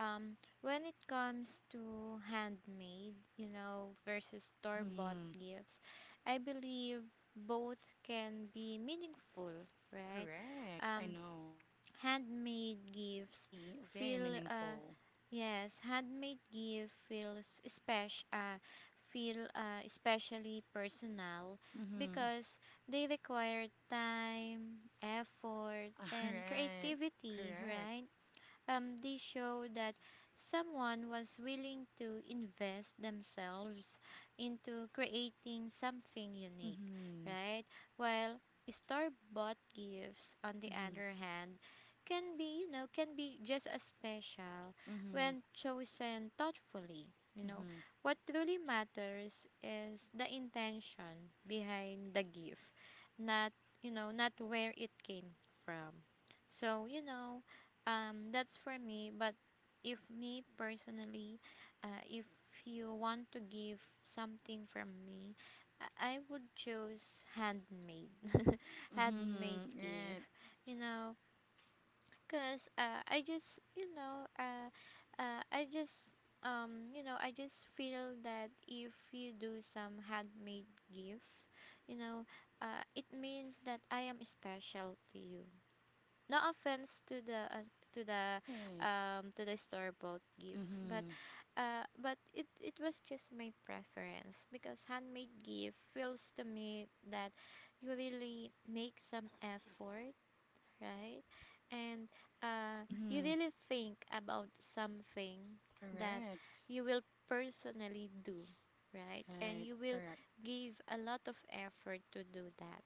um when it comes to handmade, you know, versus store-bought Mm-hmm. gifts, I believe both can be meaningful, right? Correct. I Um know. Handmade It can gifts be very feel meaningful. yes handmade gift feels special feel especially personal Mm-hmm. because they require time effort All and right. creativity, Correct. right? They show that someone was willing to invest themselves into creating something unique, Mm-hmm. right? While store bought gifts, on the Mm-hmm. other hand, can be, can be just as special Mm-hmm. when chosen thoughtfully. You know, Mm-hmm. what truly matters is the intention behind the gift, not, you know, not where it came from. So, that's for me. But if me personally, if you want to give something from me, I would choose handmade handmade Mm-hmm. gift, you know. Because I just you know I just you know I just feel that if you do some handmade gift, you know, it means that I am special to you. No offense Right. to the Right. To the store bought gifts, Mm-hmm. But it was just my preference, because handmade gift feels to me that you really make some effort, right? And, you Mm-hmm. really think about something that Correct. you will personally do, right? And Right. you will Correct. give a lot of effort to do that.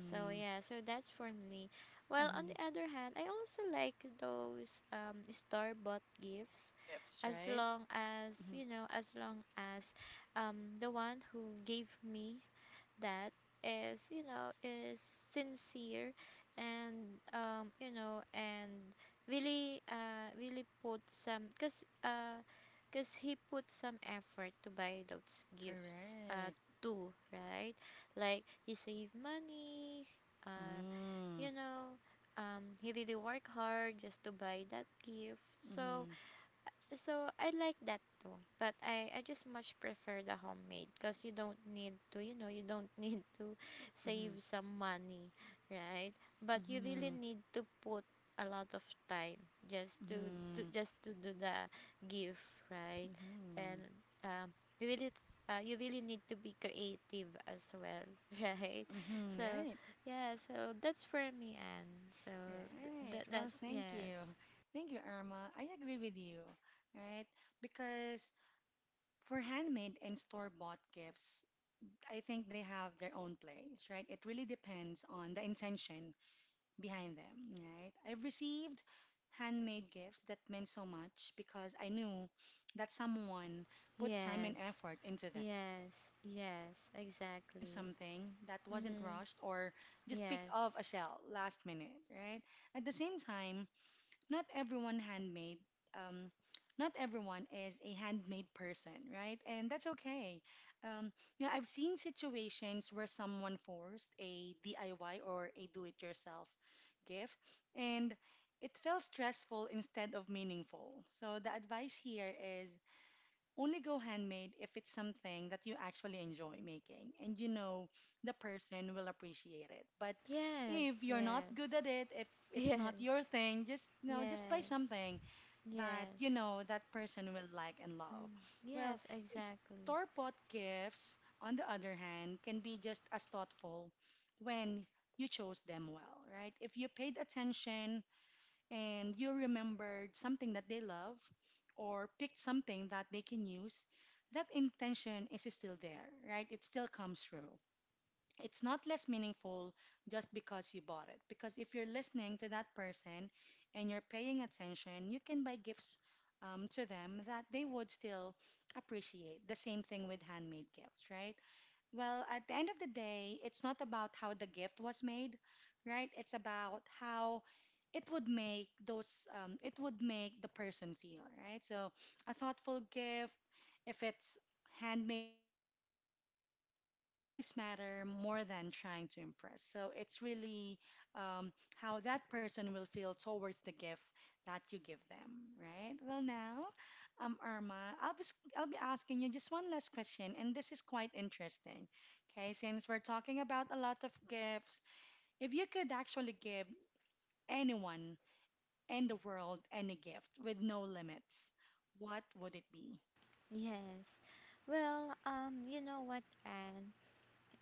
So yeah, so that's for me. Well, on Mm-hmm. the other hand, I also like those store-bought Mm-hmm. The gifts, store gifts, as right? long as Mm-hmm. As long as the one who gave me that is you know is sincere and and really really put some, because he put some effort to buy those gifts Correct. too, right? Like he saved money, uh Mm-hmm. you know he really worked hard just to buy that gift. So Mm-hmm. so I like that too, but I just much prefer the homemade because you don't need to you know you don't need to save some money, right? But you Mm-hmm. really Mm-hmm. need to put a lot of time just to Mm-hmm. just to do the gift, right? And, um, you really you really need to be creative as well, right? Mm-hmm. So Right. yeah, so that's for me, and so Right. that Well, that's thank yes. you. Thank you, Irma. I agree with you, right? Because for handmade and store-bought gifts, I think they have their own place, right? It really depends on the intention behind them, right? I've received handmade gifts that meant so much because I knew that someone put time and Yes. effort into them, right? Yes. You can Yes. feel the care in Exactly. something that wasn't Mhm. rushed or just picked off Yes. a shelf last minute, right? At the same time, not everyone handmade um, not everyone is a handmade person, right? And that's okay. Um, you know i've seen situations where someone forced a DIY or a do-it-yourself gift, and it felt stressful instead of meaningful. So the advice here is only go handmade if it's something that you actually enjoy making and you know the person will appreciate it. But if Yes. you're not good at Yes. it, if it's not your Yes. thing, just buy Yes. something that Yes. you know that person will like and love. Mm. Well, Yes, exactly. store-bought gifts, on the other hand, can be just as thoughtful when you chose them well, right? If you paid attention and you remembered something that they love or picked something that they can use, that intention is still there, right? It still comes through. It's not less meaningful just because you bought it. Because if you're listening to that person and you're paying attention, you can buy gifts to them that they would still appreciate. The same thing with handmade gifts, right? Well, at the end of the day, it's not about how the gift was made, right? It's about how it would make the person feel, right? So a thoughtful gift, if it's handmade or not, will always matter more than trying to impress. So it's really um, how that person will feel towards the gift that you give them, right? Well, now, Irma, I'll be, I'll be asking you just one last question, and this is quite interesting. Okay, since we're talking about a lot of gifts, if you could actually give anyone in the world any gift with no limits, what would it be? Yes. Well, you know what, Anne?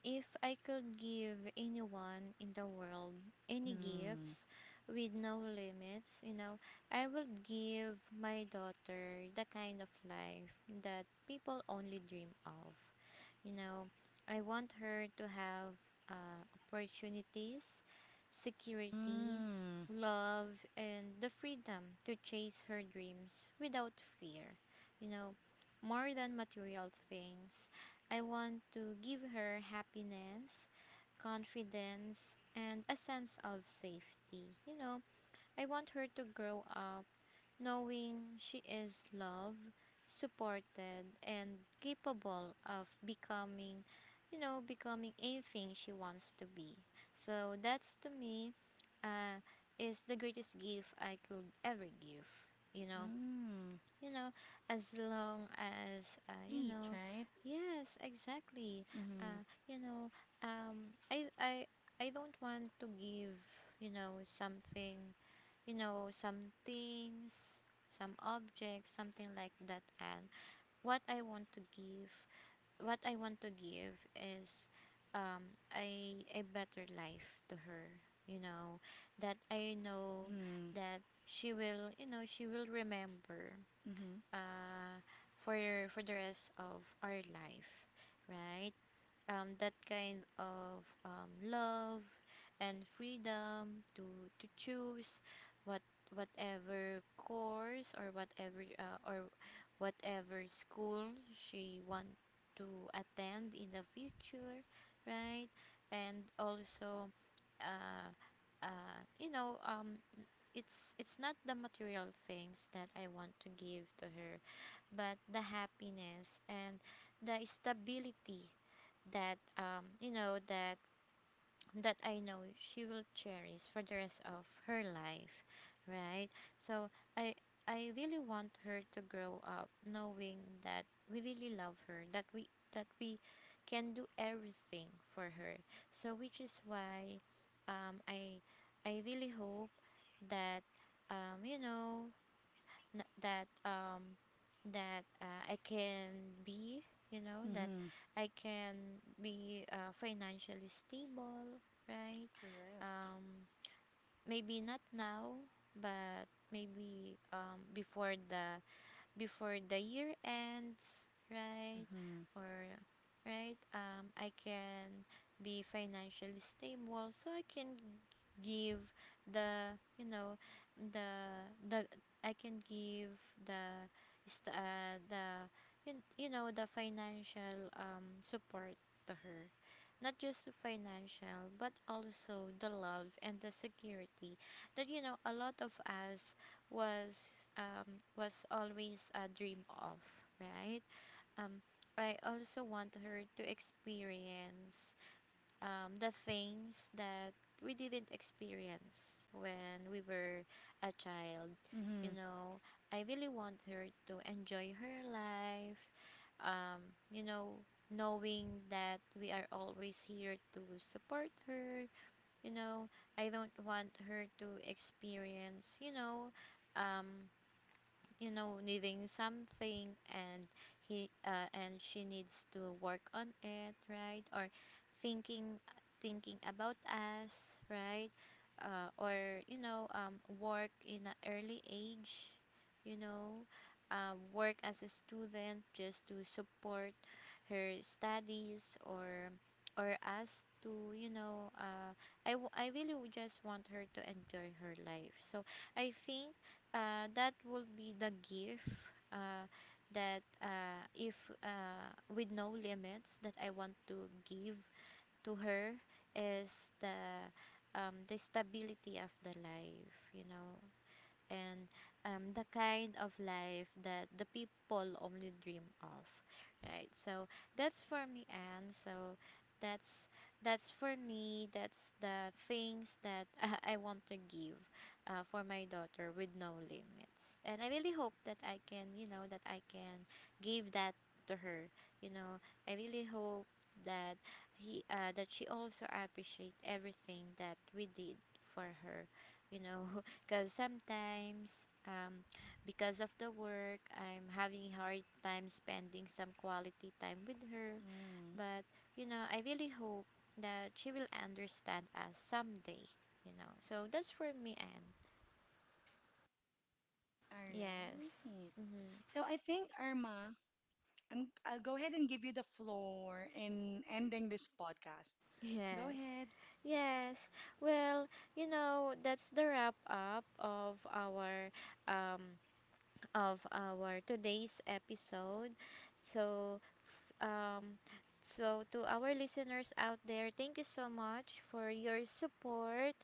If I could give anyone in the world any Mm-hmm. gifts with no limits, you know, I would give my daughter the kind of life that people only dream of. You know, I want her to have opportunities, security, Mm-hmm. love, and the freedom to chase her dreams without fear. You know, more than material things, I want to give her happiness, confidence, and a sense of safety. You know, I want her to grow up knowing she is loved, supported, and capable of becoming, becoming anything she wants to be. So that's to me uh, is the greatest gift I could ever give. You know, Mm-hmm. you know, as long as That's sweet, right? yes, exactly. Mm-hmm. Uh, you know, um, I, I, I don't want to give, you know, something some things, some objects, something like that. And what I want to give, what I want to give is a better life to her. You know, that I know Mm-hmm. that she will, you know, she will remember Mm-hmm. uh, for, for the rest of our life, right? That kind of love and freedom to choose what whatever course or whatever school she want to attend in the future, right? And also uh, uh, you know um it's not the material things that I want to give to her, but the happiness and the stability that that that I know she will cherish for the rest of her life, right? So I I really want her to grow up knowing that we really love her, that we can do everything for her. So which is why um I I really hope that um you know n- that um that I can be, you know, that Mm-hmm. I can be financially stable, right? Correct. Um, Maybe not now, but maybe before the year ends, right? Mm-hmm. Or right, I can be financially stable, so I can give the you know the I can give the st- uh, the you know the financial support to her, not just the financial, but also the love and the security that you know a lot of us was was always a dream of, right? um, I also want her to experience the things that we didn't experience when we were a child. You Mm-hmm. know, I really want her to enjoy her life. Um, you know, knowing that we are always here to support her. You know, I don't want her to experience, um, you know needing something and he and she needs to work on it, right? Or thinking thinking about us, right? Or, you know, work in an early age, you know, work as a student just to support her studies or us to, you know. I really would just want her to enjoy her life, so I think that will be the gift, uh, that if with no limits that I want to give to her, is the stability of the life, you know, and the kind of life that the people only dream of, right? So that's for me, and so that's that's for me, that's the things Mm-hmm. that I want to give for my daughter with no limits, and I really hope that I can you know that I can give that to her, you know. I really hope that he that she also appreciate everything that we did for her, you know. Because sometimes, because of the work, I'm having a hard time spending some quality time with her. Mm. But, you know, I really hope that she will understand us someday, you know. So that's for me, Anne. All Yes. right. Mm-hmm. So I think Irma, I'll go ahead and give you the floor in ending this podcast. Go Yes. ahead. Yes. Well, you know, that's the wrap up of our um today's episode. So, f- um, so to our listeners out there, thank you so much for your support.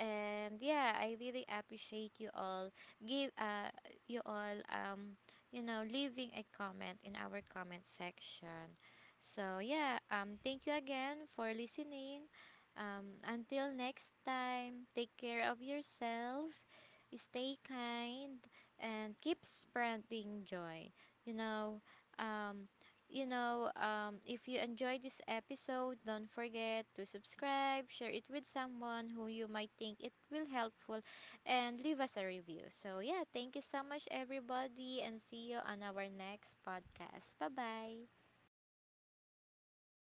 And yeah, I really appreciate you all. Give you all um you know leaving a comment in our comment section. So yeah, thank you again for listening. Until next time, take care of yourself, stay kind and keep spreading joy. You know, um, if you enjoyed this episode, don't forget to subscribe, share it with someone who you might think it will helpful, and leave us a review. So yeah, thank you so much, everybody, and see you on our next podcast. Bye bye.